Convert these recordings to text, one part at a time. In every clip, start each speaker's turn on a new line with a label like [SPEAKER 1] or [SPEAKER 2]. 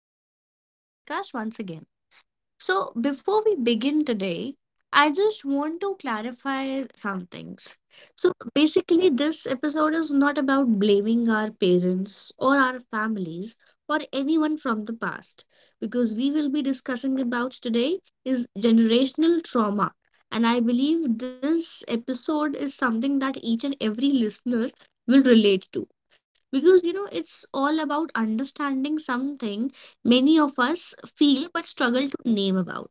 [SPEAKER 1] and welcome to my podcast once again. So, before we begin today, I just want to clarify some things. So, basically, this episode is not about blaming our parents or our families or anyone from the past, because we will be discussing about today is generational trauma. And I believe this episode is something that each and every listener will relate to. Because, you know, it's all about understanding something many of us feel but struggle to name about.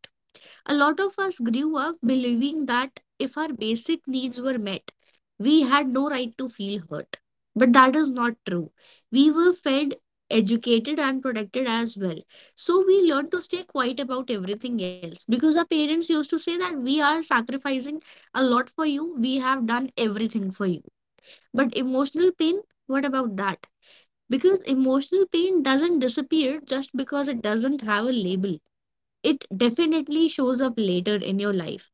[SPEAKER 1] A lot of us grew up believing that if our basic needs were met, we had no right to feel hurt. But that is not true. We were fed, educated, and protected as well. So we learned to stay quiet about everything else because our parents used to say that we are sacrificing a lot for you, we have done everything for you. But emotional pain, what about that? Because emotional pain doesn't disappear just because it doesn't have a label. It definitely shows up later in your life.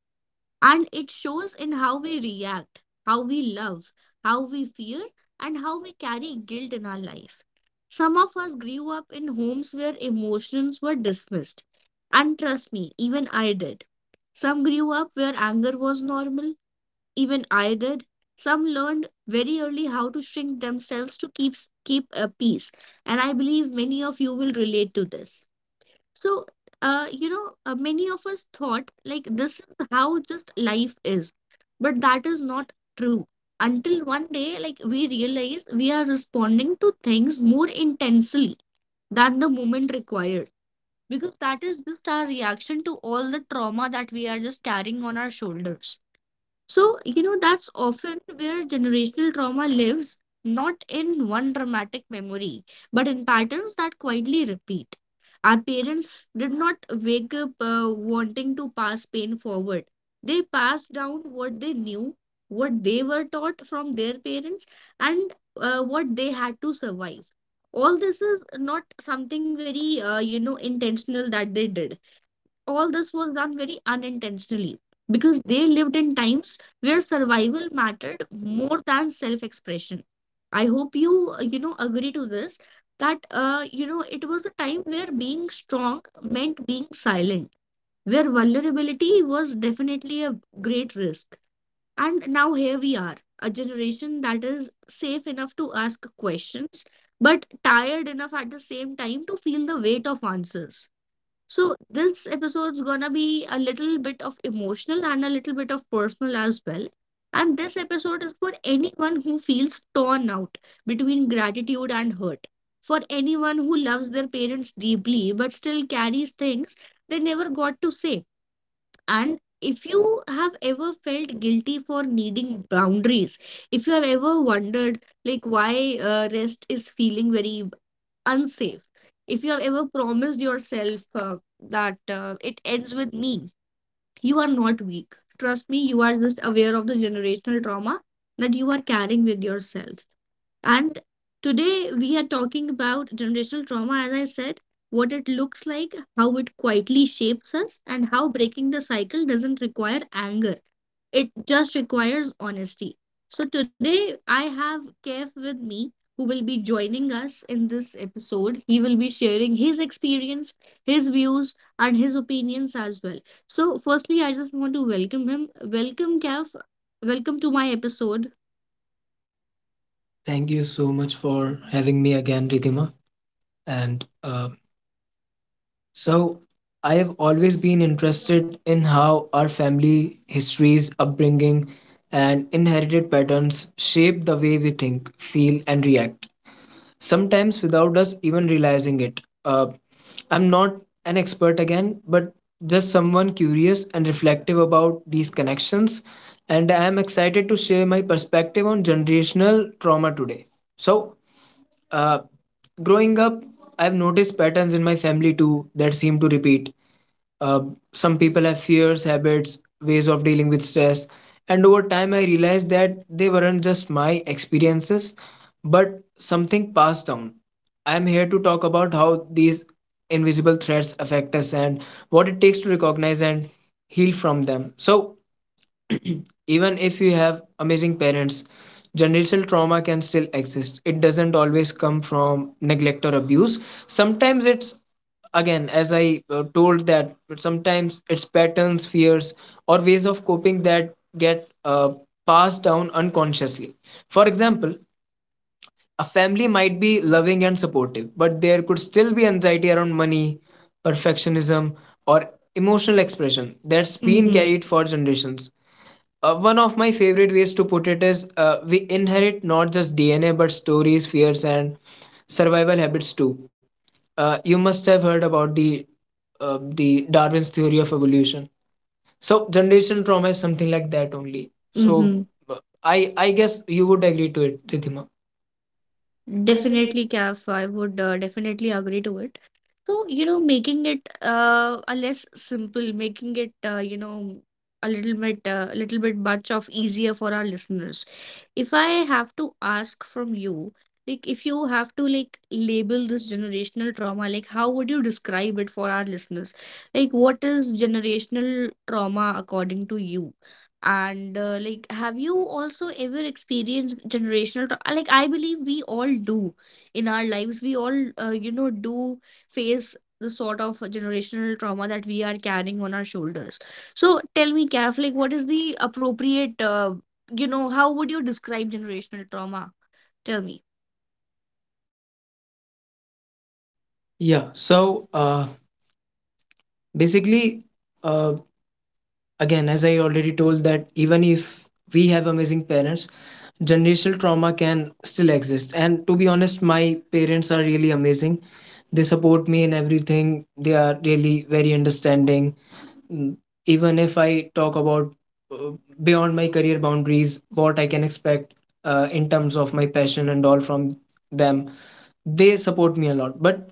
[SPEAKER 1] And it shows in how we react, how we love, how we fear, and how we carry guilt in our life. Some of us grew up in homes where emotions were dismissed. And trust me, even I did. Some grew up where anger was normal, even I did. Some learned very early how to shrink themselves to keep a peace, and I believe many of you will relate to this. So, many of us thought like this is how just life is, but that is not true. Until one day, like we realize we are responding to things more intensely than the moment required, because that is just our reaction to all the trauma that we are just carrying on our shoulders. So, you know, that's often where generational trauma lives, not in one dramatic memory, but in patterns that quietly repeat. Our parents did not wake up wanting to pass pain forward. They passed down what they knew, what they were taught from their parents, and what they had to survive. All this is not something very, intentional that they did all this was done very unintentionally because they lived in times where survival mattered more than self expression. I hope you, agree to this that, it was a time where being strong meant being silent, where vulnerability was definitely a great risk. And now here we are, a generation that is safe enough to ask questions, but tired enough at the same time to feel the weight of answers. So this episode's gonna be a little bit of emotional and a little bit of personal as well. And this episode is for anyone who feels torn out between gratitude and hurt. For anyone who loves their parents deeply but still carries things they never got to say. And if you have ever felt guilty for needing boundaries, if you have ever wondered like why rest is feeling very unsafe. If you have ever promised yourself that it ends with me, you are not weak. Trust me, you are just aware of the generational trauma that you are carrying with yourself. And today we are talking about generational trauma, as I said, what it looks like, how it quietly shapes us, and how breaking the cycle doesn't require anger. It just requires honesty. So today I have Kev with me who will be joining us in this episode. He will be sharing his experience, his views, and his opinions as well. So, firstly, I just want to welcome him. Welcome, Kev. Welcome to my episode.
[SPEAKER 2] Thank you so much for having me again, Ridhima. And uh, so, I have always been interested in how our family histories, upbringing, and inherited patterns shape the way we think, feel, and react, sometimes without us even realizing it. Uh, I'm not an expert again, but just someone curious and reflective about these connections. And I am excited to share my perspective on generational trauma today. So, uh, Growing up, I've noticed patterns in my family too that seem to repeat. Uh, some people have fears, habits, ways of dealing with stress, and over time, I realized that they weren't just my experiences, but something passed down. I'm here to talk about how these invisible threats affect us and what it takes to recognize and heal from them. So, even if you have amazing parents, generational trauma can still exist. It doesn't always come from neglect or abuse. Sometimes it's, again, as I told, that sometimes it's patterns, fears, or ways of coping that get passed down unconsciously. For example, a family might be loving and supportive, but there could still be anxiety around money, perfectionism, or emotional expression that's
[SPEAKER 1] That's
[SPEAKER 2] been
[SPEAKER 1] mhm.
[SPEAKER 2] carried for generations. One of my favorite ways to put it is, we inherit not just DNA but stories, fears, and survival habits too. You must have heard about the Darwin's theory of evolution. So generation trauma is something like that
[SPEAKER 1] So
[SPEAKER 2] only. So.
[SPEAKER 1] mm-hmm.
[SPEAKER 2] Mhm. uh, I guess you would agree to it, Rithima. Definitely.
[SPEAKER 1] Definitely, Kaf. I would definitely agree to it. So, you know, making it a less simple, making it a little bit much of easier for our listeners. If I have to ask from you, like if you have to like label this generational trauma, like how would you describe it for our listeners? Like what is generational trauma according to you? And like have you also ever experienced generational trauma? Like I believe we all do in our lives. We all do face the sort of generational trauma that we are carrying on our shoulders. So tell me, Kath, like what is the appropriate, how would you describe generational trauma? Tell me.
[SPEAKER 2] Yeah, so uh, basically, uh, Again, as I already told, that even if we have amazing parents, generational trauma can still exist, and to be honest, my parents are really amazing. They support me in everything. They are really very understanding. Mm, even if I talk about, uh, beyond my career boundaries, what I can expect in terms of my passion and all from them, they support me a lot. But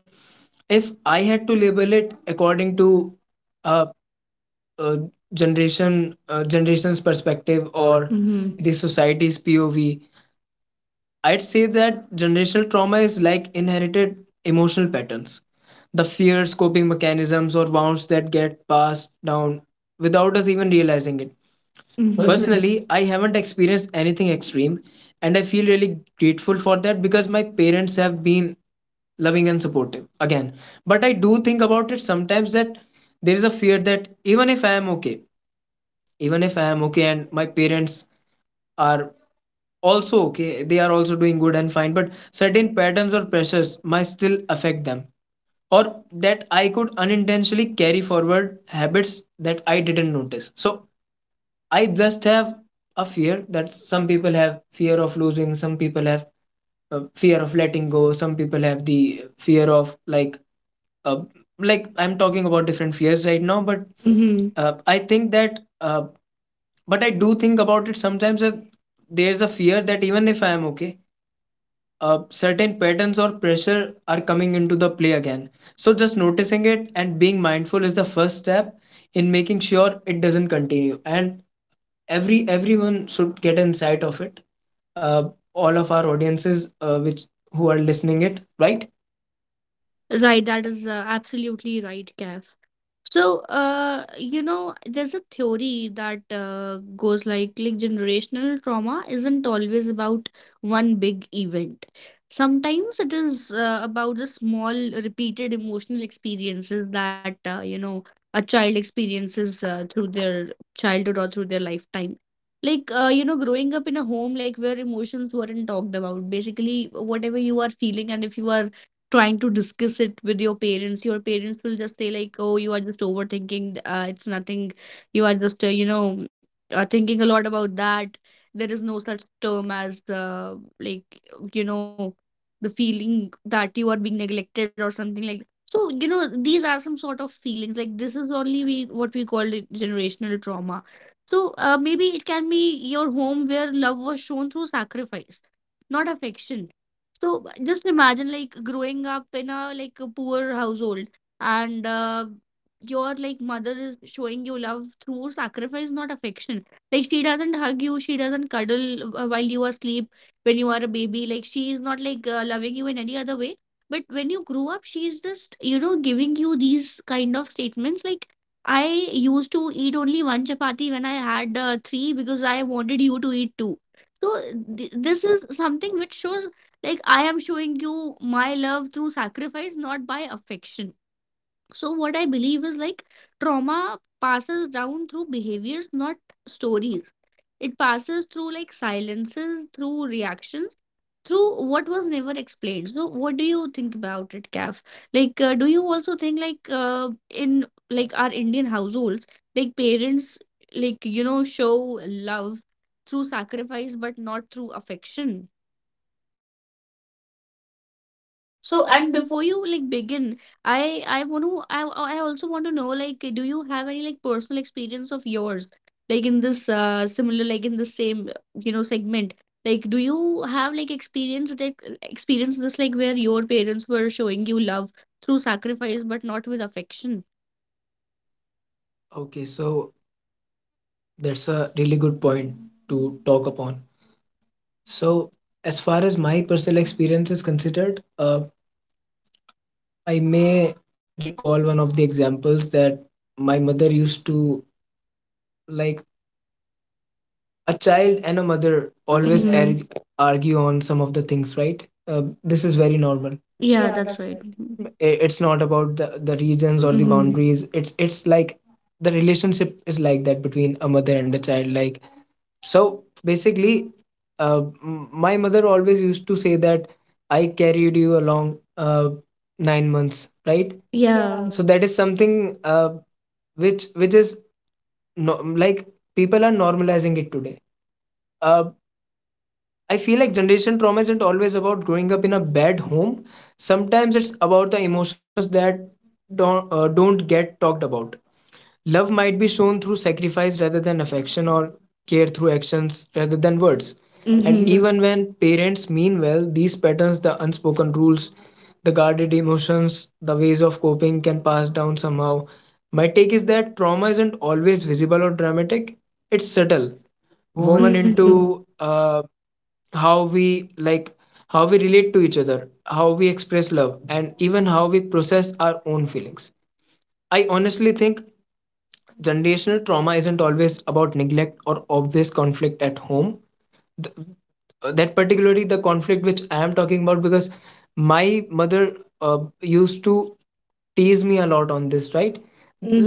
[SPEAKER 2] if I had to label it according to a, a generation generation's perspective,
[SPEAKER 1] Or
[SPEAKER 2] or Mhm.
[SPEAKER 1] mm-hmm.
[SPEAKER 2] the society's POV, I'd say that generational trauma is like inherited emotional patterns. The fears, coping mechanisms, or wounds that get passed down without us even realizing it. Mm.
[SPEAKER 1] Mm-hmm.
[SPEAKER 2] Personally, I haven't experienced anything extreme, and I feel really grateful for that because my parents have been loving and supportive again. But I do think about it sometimes that there is a fear that even if I am okay, even if I am okay and my parents are also okay, they are also doing good and fine, but certain patterns or pressures might still affect them, or that I could unintentionally carry forward habits that I didn't notice. So I just have a fear that some people have fear of losing, some people have fear of letting go, some people have the fear of like, uh, I'm talking about different fears right now, but I think that, but I do think about it sometimes that there's a fear that even if I am okay, certain patterns or pressure are coming into the play again. So just noticing it and being mindful is the first step in making sure it doesn't continue. And everyone should get insight of it. Uh, all of our audiences, which who are listening it, right?
[SPEAKER 1] Right, that is absolutely right, Kev. So, there's a theory that goes like generational trauma isn't always about one big event. Sometimes it is about the small repeated emotional experiences that a child experiences through their childhood or through their lifetime. Like growing up in a home like where emotions weren't talked about. Basically, whatever you are feeling, and if you are trying to discuss it with your parents will just say like oh you are just overthinking it's nothing you are just thinking a lot about that there is no such term as like you know the feeling that you are being neglected or something like so you know these are some sort of feelings like this is only we what we call it generational trauma so maybe it can be your home where love was shown through sacrifice not affection so just imagine like growing up in a like a poor household and your like mother is showing you love through sacrifice, not affection. Like she doesn't hug you, she doesn't cuddle while you are asleep when you are a baby. Like she is not like loving you in any other way. But when you grow up, she is just you know giving you these kind of statements. Like I used to eat only one chapati when I had three because I wanted you to eat two. So th this is something which shows like, I am showing you my love through sacrifice, not by affection. So, what I believe is like trauma passes down through behaviors, not stories. It passes through like silences, through reactions, through what was never explained. So, what do you think about it, Kaf? Like, do you also think like in like our Indian households, like parents, like you know, show love through sacrifice but not through affection? So,
[SPEAKER 2] So and
[SPEAKER 1] and
[SPEAKER 2] before.
[SPEAKER 1] before you like begin, I want to I also want to know like do you have any like personal experience of yours like in this similar like in the same you know segment like do you have like experience that experience this like where your parents were showing you love through sacrifice but not with affection?
[SPEAKER 2] Okay, so that's a really good point to talk upon. So, as far as my personal experience is considered, I may recall one of the examples that my mother used to, like, a child and a mother
[SPEAKER 1] Always. Like,
[SPEAKER 2] always, Mhm.
[SPEAKER 1] mhm.
[SPEAKER 2] Argue on some of the things, right? Uh, this is very normal.
[SPEAKER 1] Yeah,
[SPEAKER 2] Yeah,
[SPEAKER 1] that's
[SPEAKER 2] that's
[SPEAKER 1] right. Mhm.
[SPEAKER 2] right. It's not about the regions
[SPEAKER 1] So,
[SPEAKER 2] or the Mhm.
[SPEAKER 1] mhm.
[SPEAKER 2] boundaries. It's like, the relationship is like that between a mother and a child, like, so basically, uh, my mother always used to say that I carried you along, uh, nine months, right? Yeah.
[SPEAKER 1] Yeah.
[SPEAKER 2] So that is something, which is no, like, people are normalizing it today. A, I feel like generation trauma isn't always about growing up in a bad home. Sometimes it's about the emotions that don't get talked about. Love might be shown through sacrifice rather than affection, or care through actions rather than words.
[SPEAKER 1] Mhm.
[SPEAKER 2] And Mhm.
[SPEAKER 1] Even
[SPEAKER 2] even when parents mean well, these patterns, the unspoken rules, the guarded emotions, the ways of coping can pass down somehow. My take is that trauma isn't always visible or dramatic. It's subtle,
[SPEAKER 1] moment,
[SPEAKER 2] woven
[SPEAKER 1] mhm,
[SPEAKER 2] Mhm.
[SPEAKER 1] to
[SPEAKER 2] into, uh, how we like how we relate to each other, how we express love, and even how we process our own feelings. I honestly think generational trauma isn't always about neglect or obvious conflict at home, that particularly the conflict which I am talking about because my mother used to tease me a lot on this, right? Mm,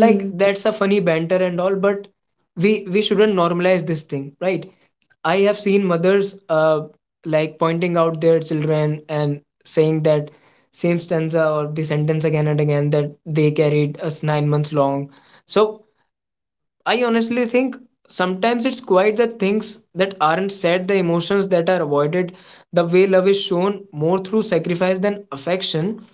[SPEAKER 2] like, that's a funny banter and all, but we shouldn't normalize this thing, right? I have seen mothers, like, pointing out their children and saying that same stanza or the sentence again and again, that they carried us nine months long. So I honestly think sometimes it's quite the things that aren't said, the emotions that are avoided, the way love is shown more through sacrifice than affection.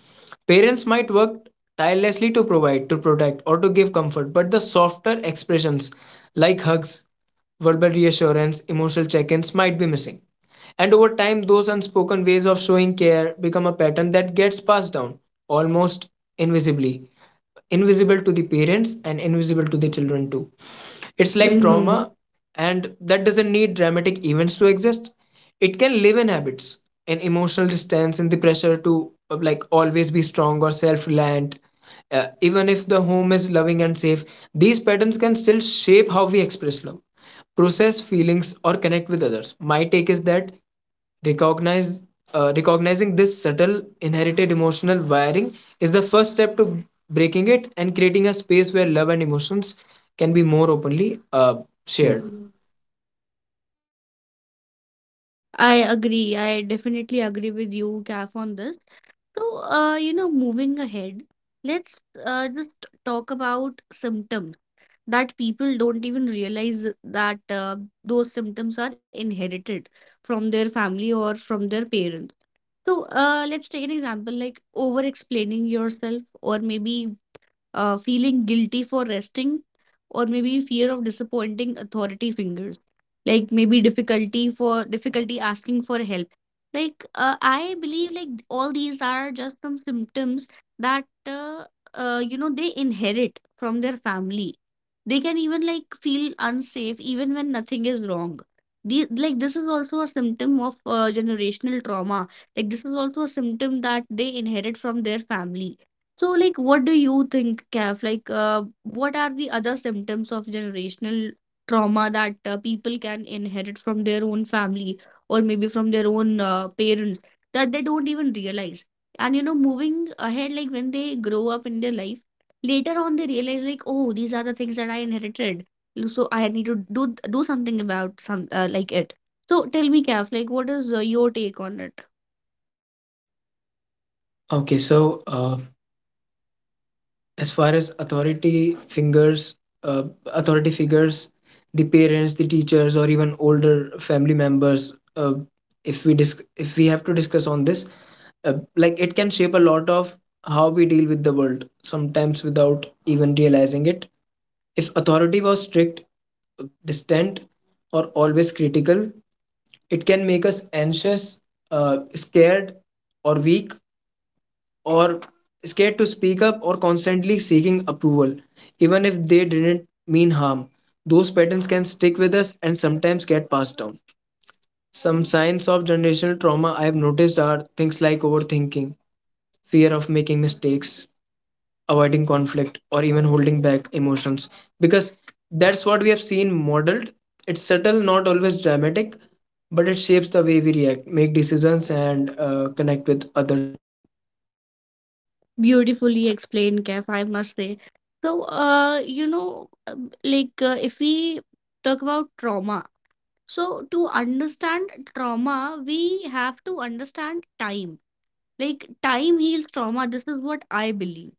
[SPEAKER 2] Parents might work tirelessly to provide, to protect, or to give comfort, but the softer expressions like hugs, verbal reassurance, emotional check ins might be missing. And over time, those unspoken ways of showing care become a pattern that gets passed down almost invisibly, invisible to the parents and invisible to the children too. It's
[SPEAKER 1] it's like
[SPEAKER 2] like
[SPEAKER 1] mhm trauma.
[SPEAKER 2] trauma, and that doesn't need dramatic events to exist. It can live in habits, in emotional distance, in the pressure to, like, always be strong or self reliant. Even if the home is loving and safe, these patterns can still shape how we express love, process feelings, or connect with others. My take is that Recognize, recognizing this subtle inherited emotional wiring is the first step to breaking it and creating a space where love and emotions can be more openly shared.
[SPEAKER 1] I agree. I definitely agree with you, Kaf, on this. So, moving ahead, let's just talk about symptoms that people don't even realize that those symptoms are inherited from their family or from their parents. So, let's take an example like over explaining yourself, or maybe feeling guilty for resting, or maybe fear of disappointing authority fingers, like maybe difficulty asking for help. Like I believe, like all these are just some symptoms that they inherit from their family. They can even like feel unsafe even when nothing is wrong. The, like this is also a symptom of generational trauma. Like this is also a symptom that they inherit from their family so, like, what do you think, Kev? Like, what are the other symptoms of generational trauma that people can inherit from their own family or maybe from their own parents that they don't even realize? And, you know, moving ahead, like, when they grow up in their life, later on they realize, like, oh, these are the things that I inherited. So, I need to do something about some it. So, tell me, Kev, like, what is your take on it?
[SPEAKER 2] Okay, so, as far as authority fingers uh, authority figures, the parents, the teachers, or even older family members, if we dis- if we have to discuss on this, like, it can shape a lot of how we deal with the world sometimes without even realizing it. If authority was strict, distant, or always critical, it can make us anxious, scared or weak, or scared to speak up or constantly seeking approval, even if they didn't mean harm. Those patterns can stick with us and sometimes get passed down. Some signs of generational trauma I have noticed are things like overthinking, fear of making mistakes, avoiding conflict, or even holding back emotions. Because that's what we have seen modeled. It's subtle, not always dramatic, but it shapes the way we react, make decisions, and connect with others.
[SPEAKER 1] Beautifully explained, Kef, I must say. So, like if we talk about trauma, so to understand trauma, we have to understand time. Like time heals trauma. This is what I believe.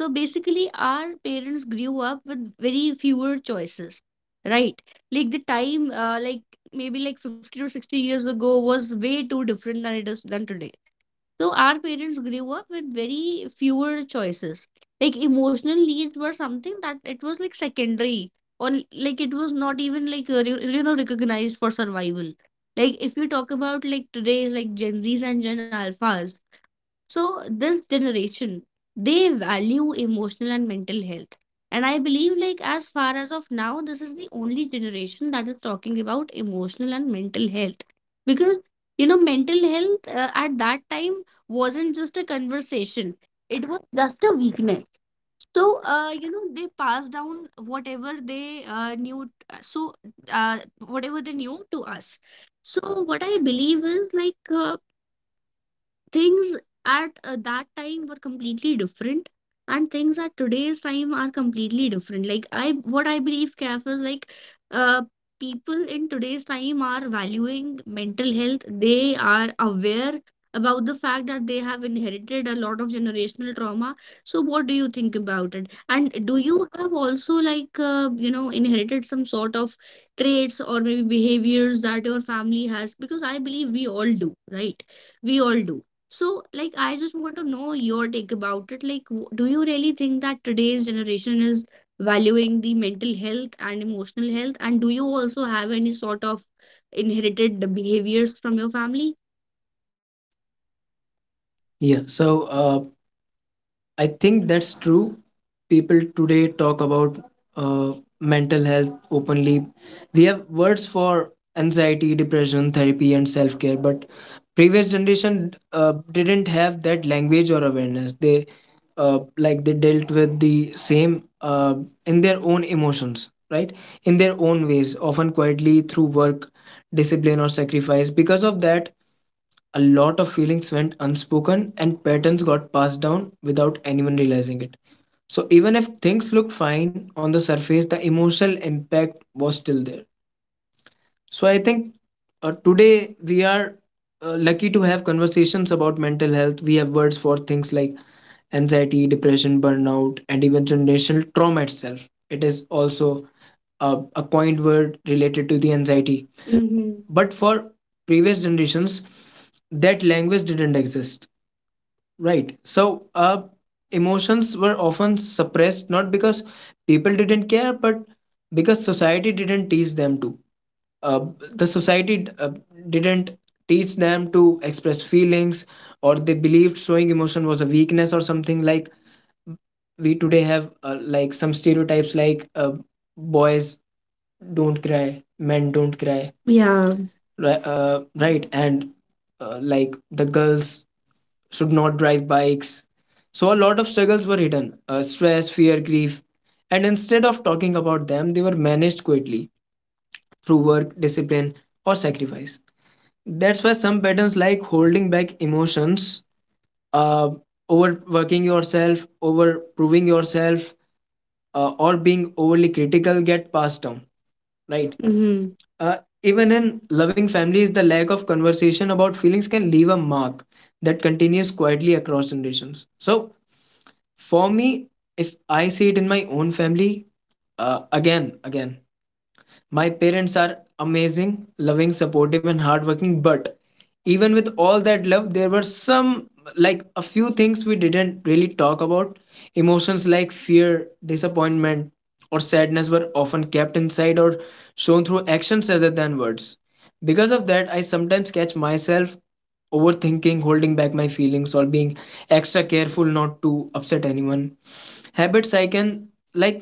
[SPEAKER 1] So basically, our parents grew up with very fewer choices, right? Like the time, like maybe like 50 to 60 years ago was way too different than it is than today. So our parents grew up with very fewer choices. Like emotional needs were something that it was like secondary or like it was not even like you know recognized for survival. Like if you talk about today's like Gen Zs and Gen Alphas, this generation, they value emotional and mental health. And I believe, like, as far as of now, this is the only generation that is talking about emotional and mental health. Because, you know, mental health at that time wasn't just a conversation, it was just a weakness. So, they passed down whatever they knew. So, uh, Whatever they knew to us. So, what I believe is like, things at that time were completely different, and things at today's time are completely different. Like i what i believe, Kaf, is like uh people in today's time are valuing mental health. They are aware about the fact that they have inherited a lot of generational trauma. So what do you think about it? And do you have also like inherited some sort of traits or maybe behaviors that your family has? Because I believe we all do, right? We all do. So, like, I just want to know your take about it. Like, do you really think that today's generation is valuing the mental health and emotional health? And do you also have any sort of inherited behaviors from your family?
[SPEAKER 2] Yeah. So, uh, I think that's true. People today talk about uh, mental health openly. We have words for anxiety, depression, therapy, and self care. But previous generation didn't have that language or awareness. They they dealt with the same, in their own emotions, right? In their own ways, often quietly through work, discipline, or sacrifice. Because of that, a lot of feelings went unspoken and patterns got passed down without anyone realizing it. So, even if things looked fine on the surface, the emotional impact was still there. So, I think today we are lucky to have conversations about mental health. We have words for things like anxiety, depression, burnout, and even generational trauma itself. It is also a coined word related to the anxiety. Mm-hmm. But for previous generations, that language didn't exist, right? Emotions were often suppressed, not because people didn't care, but because society didn't teach them to. Uh, the society didn't teach them to express feelings, or they believed showing emotion was a weakness, or something like, we today have, some stereotypes like, boys don't cry, men don't cry. Yeah,
[SPEAKER 1] Yeah.
[SPEAKER 2] right, right. And the girls should not drive bikes. So a lot of struggles were hidden, stress, fear, grief. And instead of talking about them, they were managed quietly through work, discipline, or sacrifice. That's why some patterns like holding back emotions, uh, overworking yourself, over proving yourself, or being overly critical, get passed down,
[SPEAKER 1] Right.
[SPEAKER 2] right? Mhm. Uh, even in loving families, the lack of conversation about feelings can leave a mark that continues quietly across generations. So, for me, if I see it in my own family, uh, again, again, my parents are amazing, loving, supportive, and hardworking, but even with all that love there were some a few things we didn't really talk about. Emotions like fear, disappointment or sadness were often kept inside or shown through actions rather than words. Because of that, I sometimes catch myself overthinking, holding back my feelings, or being extra careful not to upset anyone. Habits I can like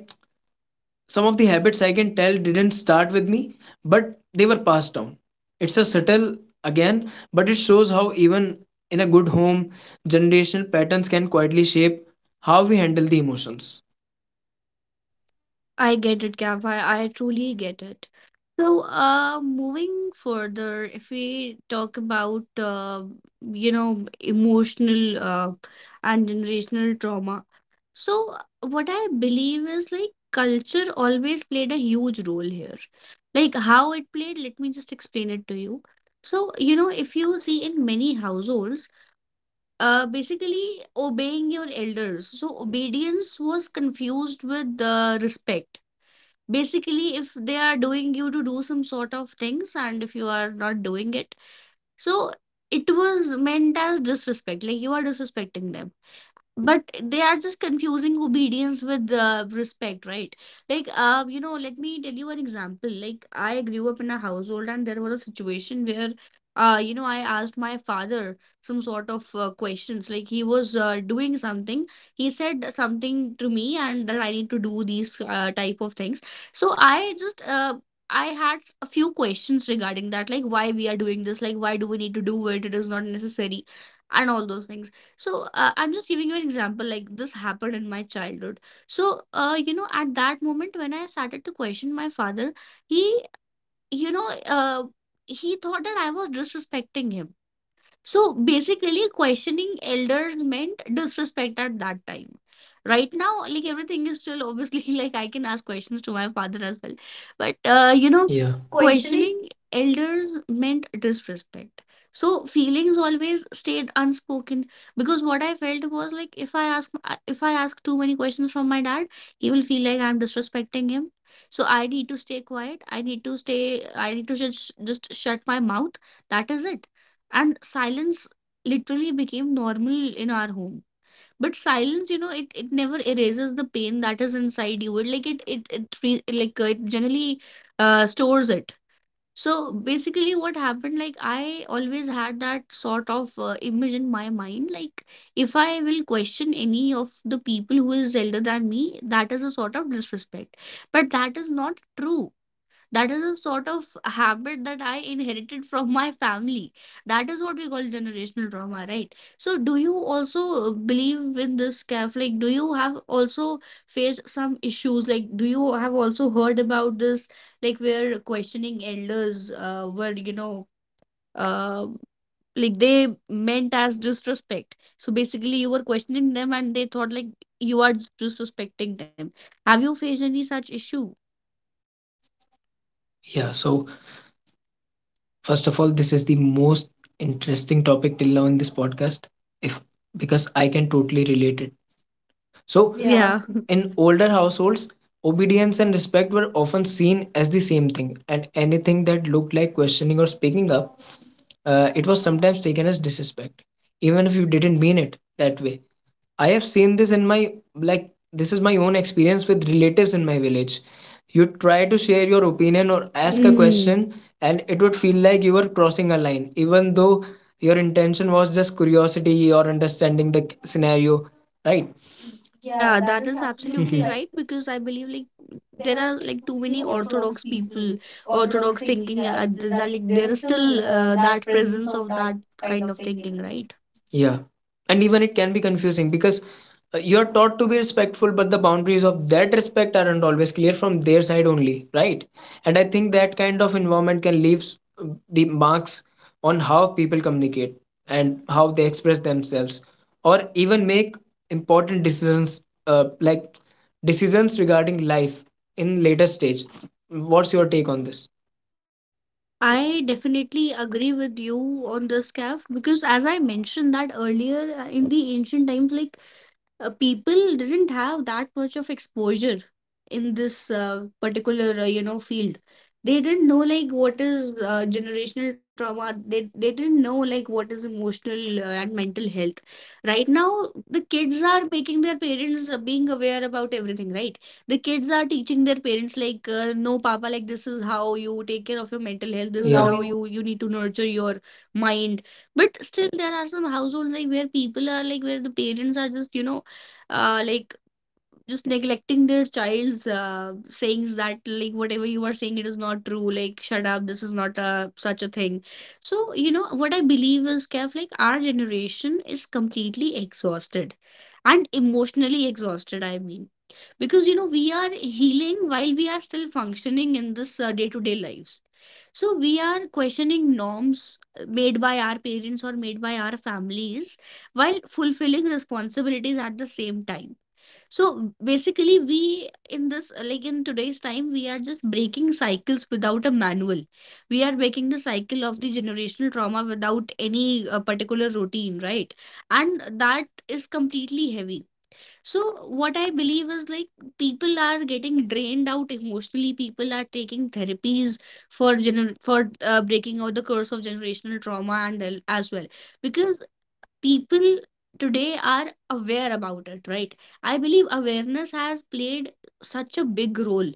[SPEAKER 2] Some of the habits I can tell didn't start with me, but they were passed down. It's a subtle again, but it shows how even in a good home, generational patterns can quietly shape how we handle the emotions.
[SPEAKER 1] I get it, Kavya. I truly get it. So, moving further, if we talk about, emotional, and generational trauma, so what I believe is like culture always played a huge role here. Like how it played, let me just explain it to you. So, you know, if you see in many households, basically obeying your elders. So obedience was confused with respect. Basically if they are doing you to do some sort of things and if you are not doing it, so it was meant as disrespect, like you are disrespecting them. But they are just confusing obedience with respect, right? Like, let me tell you an example. Like, I grew up in a household, and there was a situation where, I asked my father some sort of questions. Like, he was doing something. He said something to me, and that I need to do these type of things. So I I had a few questions regarding that, like why we are doing this, like why do we need to do it? It is not necessary, and all those things. So I'm just giving you an example. Like this happened in my childhood. So at that moment when I started to question my father, he, you know, uh, he thought that I was disrespecting him. So basically, questioning elders meant disrespect at that time. Right now, like everything is still obviously like I can ask questions to my father as well. But
[SPEAKER 2] You know, yeah, questioning.
[SPEAKER 1] questioning elders meant disrespect. So feelings always stayed unspoken, because what I felt was like if I ask too many questions from my dad, he will feel like I'm disrespecting him. So I need to stay quiet. I need to stay. I need to just shut my mouth. That is it. And silence literally became normal in our home. But silence, you know, it never erases the pain that is inside you. It like it re- like it generally stores it. So basically what happened, I always had that sort of image in my mind, like if I will question any of the people who is elder than me, that is a sort of disrespect. But that is not true. That is a sort of habit that I inherited from my family. That is what we call generational trauma, right? So, do you also believe in this, Kaf? Like, do you have also faced some issues? Like, do you have also heard about this, like, where questioning elders were, uh, like, they meant as disrespect. So basically, you were questioning them and they thought like you are disrespecting them. Have you faced any such issue?
[SPEAKER 2] Yeah, so first of all, this is the most interesting topic till now in this podcast. If because I can totally relate it. So,
[SPEAKER 1] So.
[SPEAKER 2] yeah,
[SPEAKER 1] Yeah.
[SPEAKER 2] in older households, obedience and respect were often seen as the same thing, and anything that looked like questioning or speaking up, it was sometimes taken as disrespect, even if you didn't mean it that way. I have seen this in my like this is my own experience with relatives in my village. You try to share your opinion or ask a Mm.
[SPEAKER 1] Mhm.
[SPEAKER 2] question, and it would feel like you were crossing a line, even though your intention was just curiosity or understanding the scenario, right? Yeah,
[SPEAKER 1] Yeah,
[SPEAKER 2] that
[SPEAKER 1] that
[SPEAKER 2] is
[SPEAKER 1] is
[SPEAKER 2] absolutely
[SPEAKER 1] absolutely
[SPEAKER 2] right.
[SPEAKER 1] right, because I believe like
[SPEAKER 2] Because there
[SPEAKER 1] there
[SPEAKER 2] are
[SPEAKER 1] are
[SPEAKER 2] like
[SPEAKER 1] like
[SPEAKER 2] too
[SPEAKER 1] too
[SPEAKER 2] many
[SPEAKER 1] many
[SPEAKER 2] orthodox
[SPEAKER 1] orthodox
[SPEAKER 2] people,
[SPEAKER 1] people,
[SPEAKER 2] orthodox
[SPEAKER 1] orthodox
[SPEAKER 2] thinking.
[SPEAKER 1] thinking, that
[SPEAKER 2] Like
[SPEAKER 1] like
[SPEAKER 2] there
[SPEAKER 1] there
[SPEAKER 2] is
[SPEAKER 1] is
[SPEAKER 2] still
[SPEAKER 1] still
[SPEAKER 2] that
[SPEAKER 1] that
[SPEAKER 2] presence
[SPEAKER 1] presence
[SPEAKER 2] of
[SPEAKER 1] of
[SPEAKER 2] that
[SPEAKER 1] that
[SPEAKER 2] kind of
[SPEAKER 1] kind of
[SPEAKER 2] thinking,
[SPEAKER 1] thinking,
[SPEAKER 2] right?
[SPEAKER 1] right?
[SPEAKER 2] Yeah. And even it can be confusing because you're taught to be respectful, but the boundaries of that respect aren't always clear from their side only, right? And I think that kind of environment can leave the marks on how people communicate and how they express themselves, or even make important decisions, uh, like decisions regarding life in later stage. What's your take on this?
[SPEAKER 1] I definitely agree with you on this, Kav, because as I mentioned that earlier, in the ancient times, like people didn't have that much of exposure in this particular field. They didn't know like what is generational trauma. They didn't know like what is emotional and mental health. Right now, the kids are making their parents being aware about everything, right? The kids are teaching their parents like, no papa, like this is how you take care of your mental health,
[SPEAKER 2] This
[SPEAKER 1] this
[SPEAKER 2] is, yeah,
[SPEAKER 1] is
[SPEAKER 2] how
[SPEAKER 1] how
[SPEAKER 2] you.
[SPEAKER 1] you need to nurture your mind. But still there are some households like where people are like where the parents are just, you know, uh, like just neglecting their child's sayings, that like whatever you are saying, it is not true, like shut up, this is not a such a thing. So you know what I believe is, Kev, like our generation is completely exhausted, and emotionally exhausted, I mean, because you know we are healing while we are still functioning in this day-to-day lives. So we are questioning norms made by our parents or made by our families, while fulfilling responsibilities at the same time. So basically, we in this, in today's time, we are just breaking cycles without a manual. We are breaking the cycle of the generational trauma without any particular routine, right? And that is completely heavy. So, what I believe is like people are getting drained out emotionally. People are taking therapies for gener for breaking out the curse of generational trauma as well. Because people today are aware about it, right? I believe awareness has played such a big role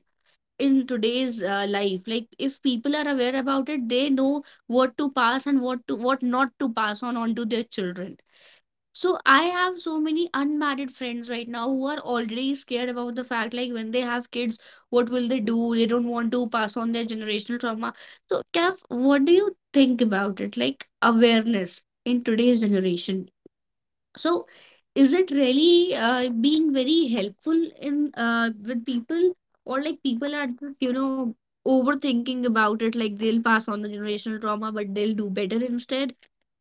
[SPEAKER 1] in today's life. Like if people are aware about it, they know what to pass and what not to pass on onto their children. So I have so many unmarried friends right now who are already scared about the fact, like when they have kids, what will they do? They don't want to pass on their generational trauma. So Kev, what do you think about it? Like awareness in today's generation, so, is it really being very helpful in with people, or like people are just, you know, overthinking about it, like they'll pass on the generational trauma, but they'll do better instead?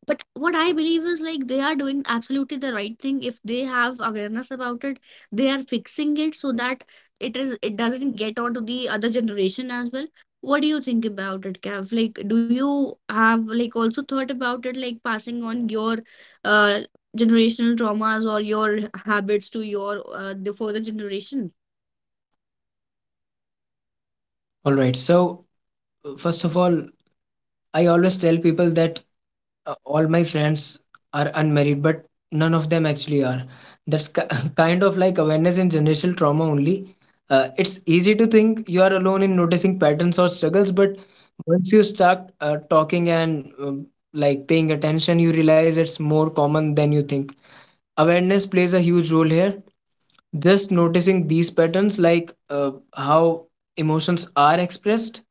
[SPEAKER 1] But what I believe is like they are doing absolutely the right thing. If they have awareness about it, they are fixing it so that it doesn't get onto the other generation as well. What do you think about it, Kev? Like, do you have like also thought about it, like passing on your uh generational traumas or your habits to your the further generation?
[SPEAKER 2] All right. So, first of all, I always tell people that all my friends are unmarried but none of them actually are. Kind of like awareness in generational trauma only. It's easy to think you are alone in noticing patterns or struggles, but once you start talking and, like, paying attention, you realize it's more common than you think. Awareness plays a huge role here. Just noticing these patterns, like how emotions are expressed,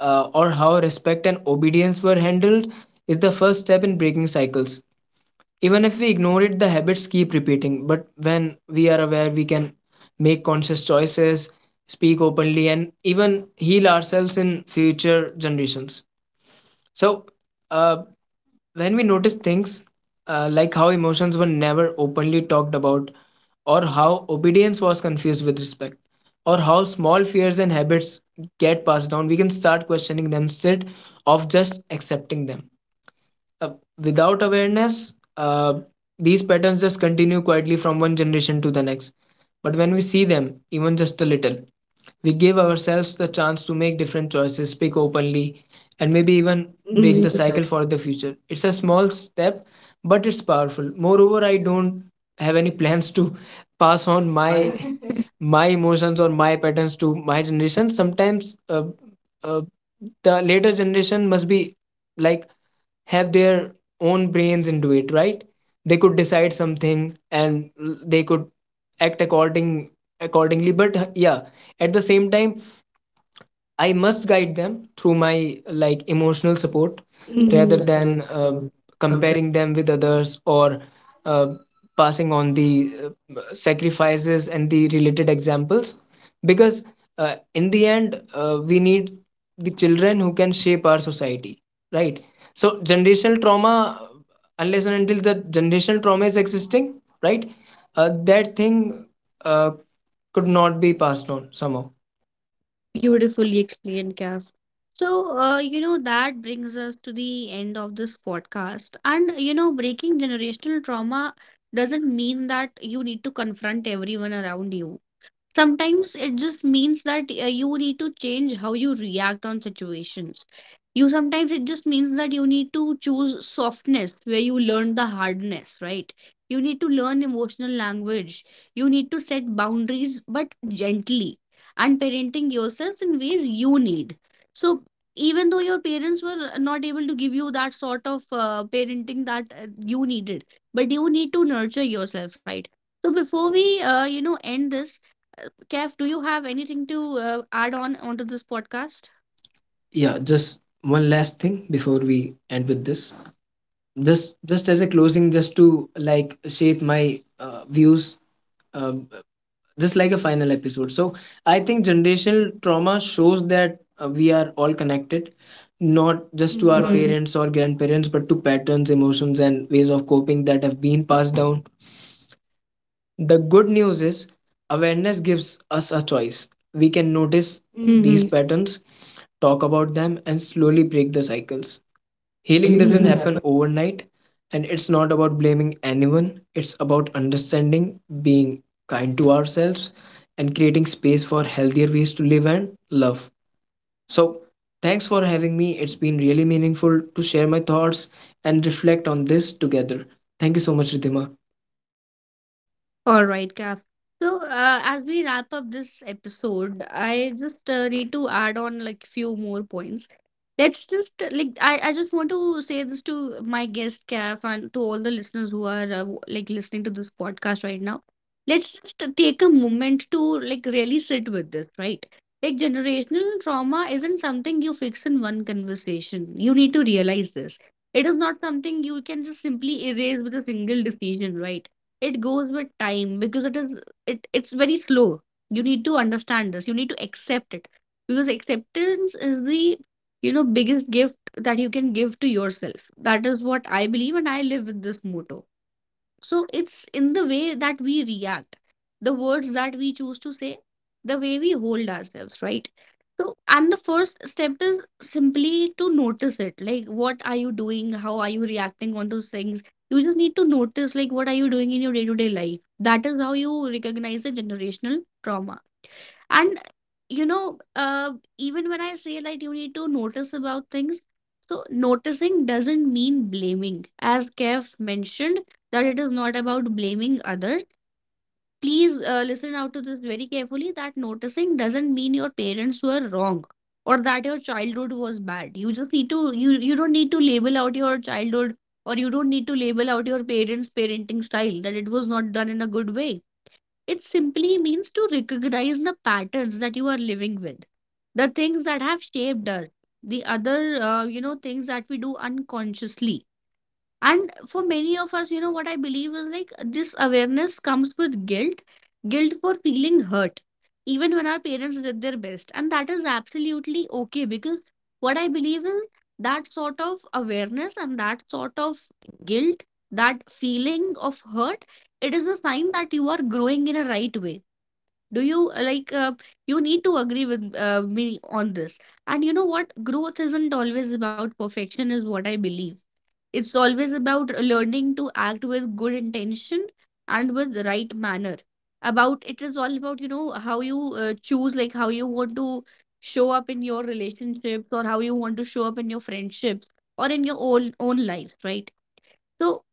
[SPEAKER 2] or how respect and obedience were handled, is the first step in breaking cycles. Even if we ignore it, the habits keep repeating. But when we are aware, we can make conscious choices, speak openly, and even heal ourselves in future generations. So, uh, when we notice things, like how emotions were never openly talked about, or how obedience was confused with respect, or how small fears and habits get passed down, we can start questioning them instead of just accepting them. Uh, Without awareness, these patterns just continue quietly from one generation to the next. But when we see them, even just a little, we give ourselves the chance to make different choices, speak openly, and maybe even
[SPEAKER 1] Mhm.
[SPEAKER 2] break the
[SPEAKER 1] Take
[SPEAKER 2] Mhm.
[SPEAKER 1] aside
[SPEAKER 2] cycle for the future. It's a small step, but it's powerful. Moreover, I don't have any plans to pass on my
[SPEAKER 1] my.
[SPEAKER 2] my emotions or my patterns to my generation. Sometimes uh, the later generation must be like have their own brains into it, right? They could decide something and they could act according accordingly. But yeah, at the same time, I must guide them through my like emotional support Mhm. rather
[SPEAKER 1] Mhm.
[SPEAKER 2] than
[SPEAKER 1] Than.
[SPEAKER 2] uh, comparing them with others or uh, passing on the sacrifices and the related examples, because in the end we need the children who can shape our society, right? So generational trauma, unless and until the generational trauma is existing, right, that thing uh, could not be passed on somehow.
[SPEAKER 1] Beautifully explained, Kaf. So, that brings us to the end of this podcast. And, you know, breaking generational trauma doesn't mean that you need to confront everyone around you. Sometimes it just means that you need to change how you react on situations. You Sometimes it just means that you need to choose softness where you learn the hardness, right? You need to learn emotional language, you need to set boundaries but gently, and parenting yourselves in ways you need. So even though your parents were not able to give you that sort of parenting that you needed, but you need to nurture yourself, right? So before we end this, Kev, do you have anything to add on onto this podcast?
[SPEAKER 2] Yeah, just one last thing before we end with this, just as a closing, just to like shape my views, um, just like a final episode. So I think generational trauma shows that we are all connected, not just
[SPEAKER 1] Just
[SPEAKER 2] to
[SPEAKER 1] one
[SPEAKER 2] our Mhm.
[SPEAKER 1] Mhm. thing.
[SPEAKER 2] parents or grandparents, but to patterns, emotions and ways of coping that have been passed down. The good news is awareness gives us a choice. We can notice Mhm. these
[SPEAKER 1] Mhm.
[SPEAKER 2] patterns, talk about them and slowly break the cycles. Healing
[SPEAKER 1] Healing
[SPEAKER 2] doesn't
[SPEAKER 1] doesn't Mhm. happen.
[SPEAKER 2] happen overnight, and it's not about blaming anyone. It's about understanding, being kind to ourselves, and creating space for healthier ways to live and love. So, thanks for having me. It's been really meaningful to share my thoughts and reflect on this together. Thank you so much, Ritima.
[SPEAKER 1] All right, Kaf. So, as we wrap up this episode, I just need to add on like few more points. Let's just like, I just want to say this to my guest Kaf and to all the listeners who are like listening to this podcast right now. Let's just take a moment to like really sit with this, right? Like generational trauma isn't something you fix in one conversation. You need to realize this. It is not something you can just simply erase with a single decision, right? It goes with time because it is it it's very slow. You need to understand this, you need to accept it, because acceptance is the, you know, biggest gift that you can give to yourself. That is what I believe, and I live with this motto. So it's in the way that we react, the words that we choose to say, the way we hold ourselves, right? So, and the first step is simply to notice it. Like, what are you doing? How are you reacting on those things? You just need to notice, like, what are you doing in your day-to-day life? That is how you recognize the generational trauma. And even when I say like you need to notice about things, so noticing doesn't mean blaming. As Kev mentioned, that it is not about blaming others. Please listen out to this very carefully that noticing doesn't mean your parents were wrong or that your childhood was bad. You just need to, you don't need to label out your childhood or you don't need to label out your parents' parenting style that it was not done in a good way. It simply means to recognize the patterns that you are living with, the things that have shaped us, the other, things that we do unconsciously. And for many of us, you know, what I believe is like this awareness comes with guilt, guilt for feeling hurt, even when our parents did their best. And that is absolutely okay because what I believe is that sort of awareness and that sort of guilt, that feeling of hurt, it is a sign that you are growing in a right way. Do you you need to agree with me on this. And you know what, growth isn't always about perfection is what I believe. It's always about learning to act with good intention and with right manner about. It is all about, you know, how you choose, like, how you want to show up in your relationships or how you want to show up in your friendships or in your own lives, right? So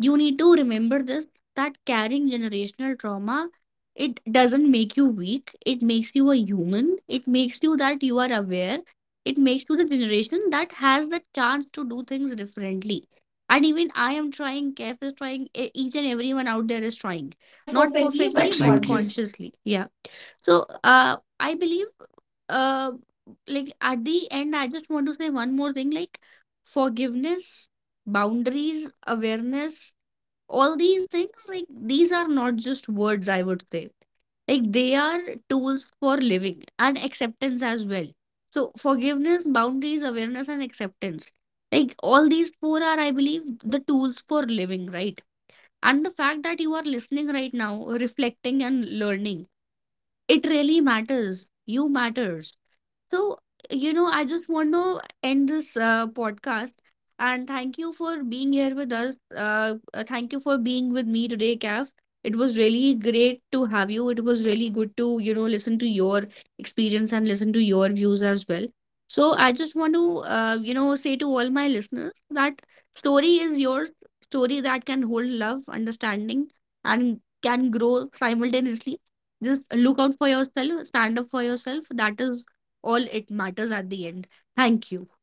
[SPEAKER 1] you need to remember this, that carrying generational trauma, it doesn't make you weak, it makes you a human, it makes you that you are aware, it makes you the generation that has the chance to do things differently. And even I am trying, Kef is trying, each and everyone out there is trying
[SPEAKER 2] Not
[SPEAKER 1] not
[SPEAKER 2] perfectly, but
[SPEAKER 1] perfectly
[SPEAKER 2] absolutely,
[SPEAKER 1] but
[SPEAKER 2] consciously.
[SPEAKER 1] consciously, yeah. So I believe, uh like, at the end I just want to say one more thing, like forgiveness, boundaries, awareness, all these things, like, these are not just words, I would say, like, they are tools for living, and acceptance as well. So forgiveness, boundaries, awareness and acceptance, like, all these four are, I believe, the tools for living, right? And the fact that you are listening right now, reflecting and learning, it really matters. You matters. So, you know, I just want to end this podcast and thank you for being here with us. Thank you for being with me today, Kaf. It was really great to have you. It was really good to, you know, listen to your experience and listen to your views as well. So, I just want to, you know, say to all my listeners that story is yours, story that can hold love, understanding, and can grow simultaneously. Just look out for yourself, stand up for yourself. That is all it matters at the end. Thank you.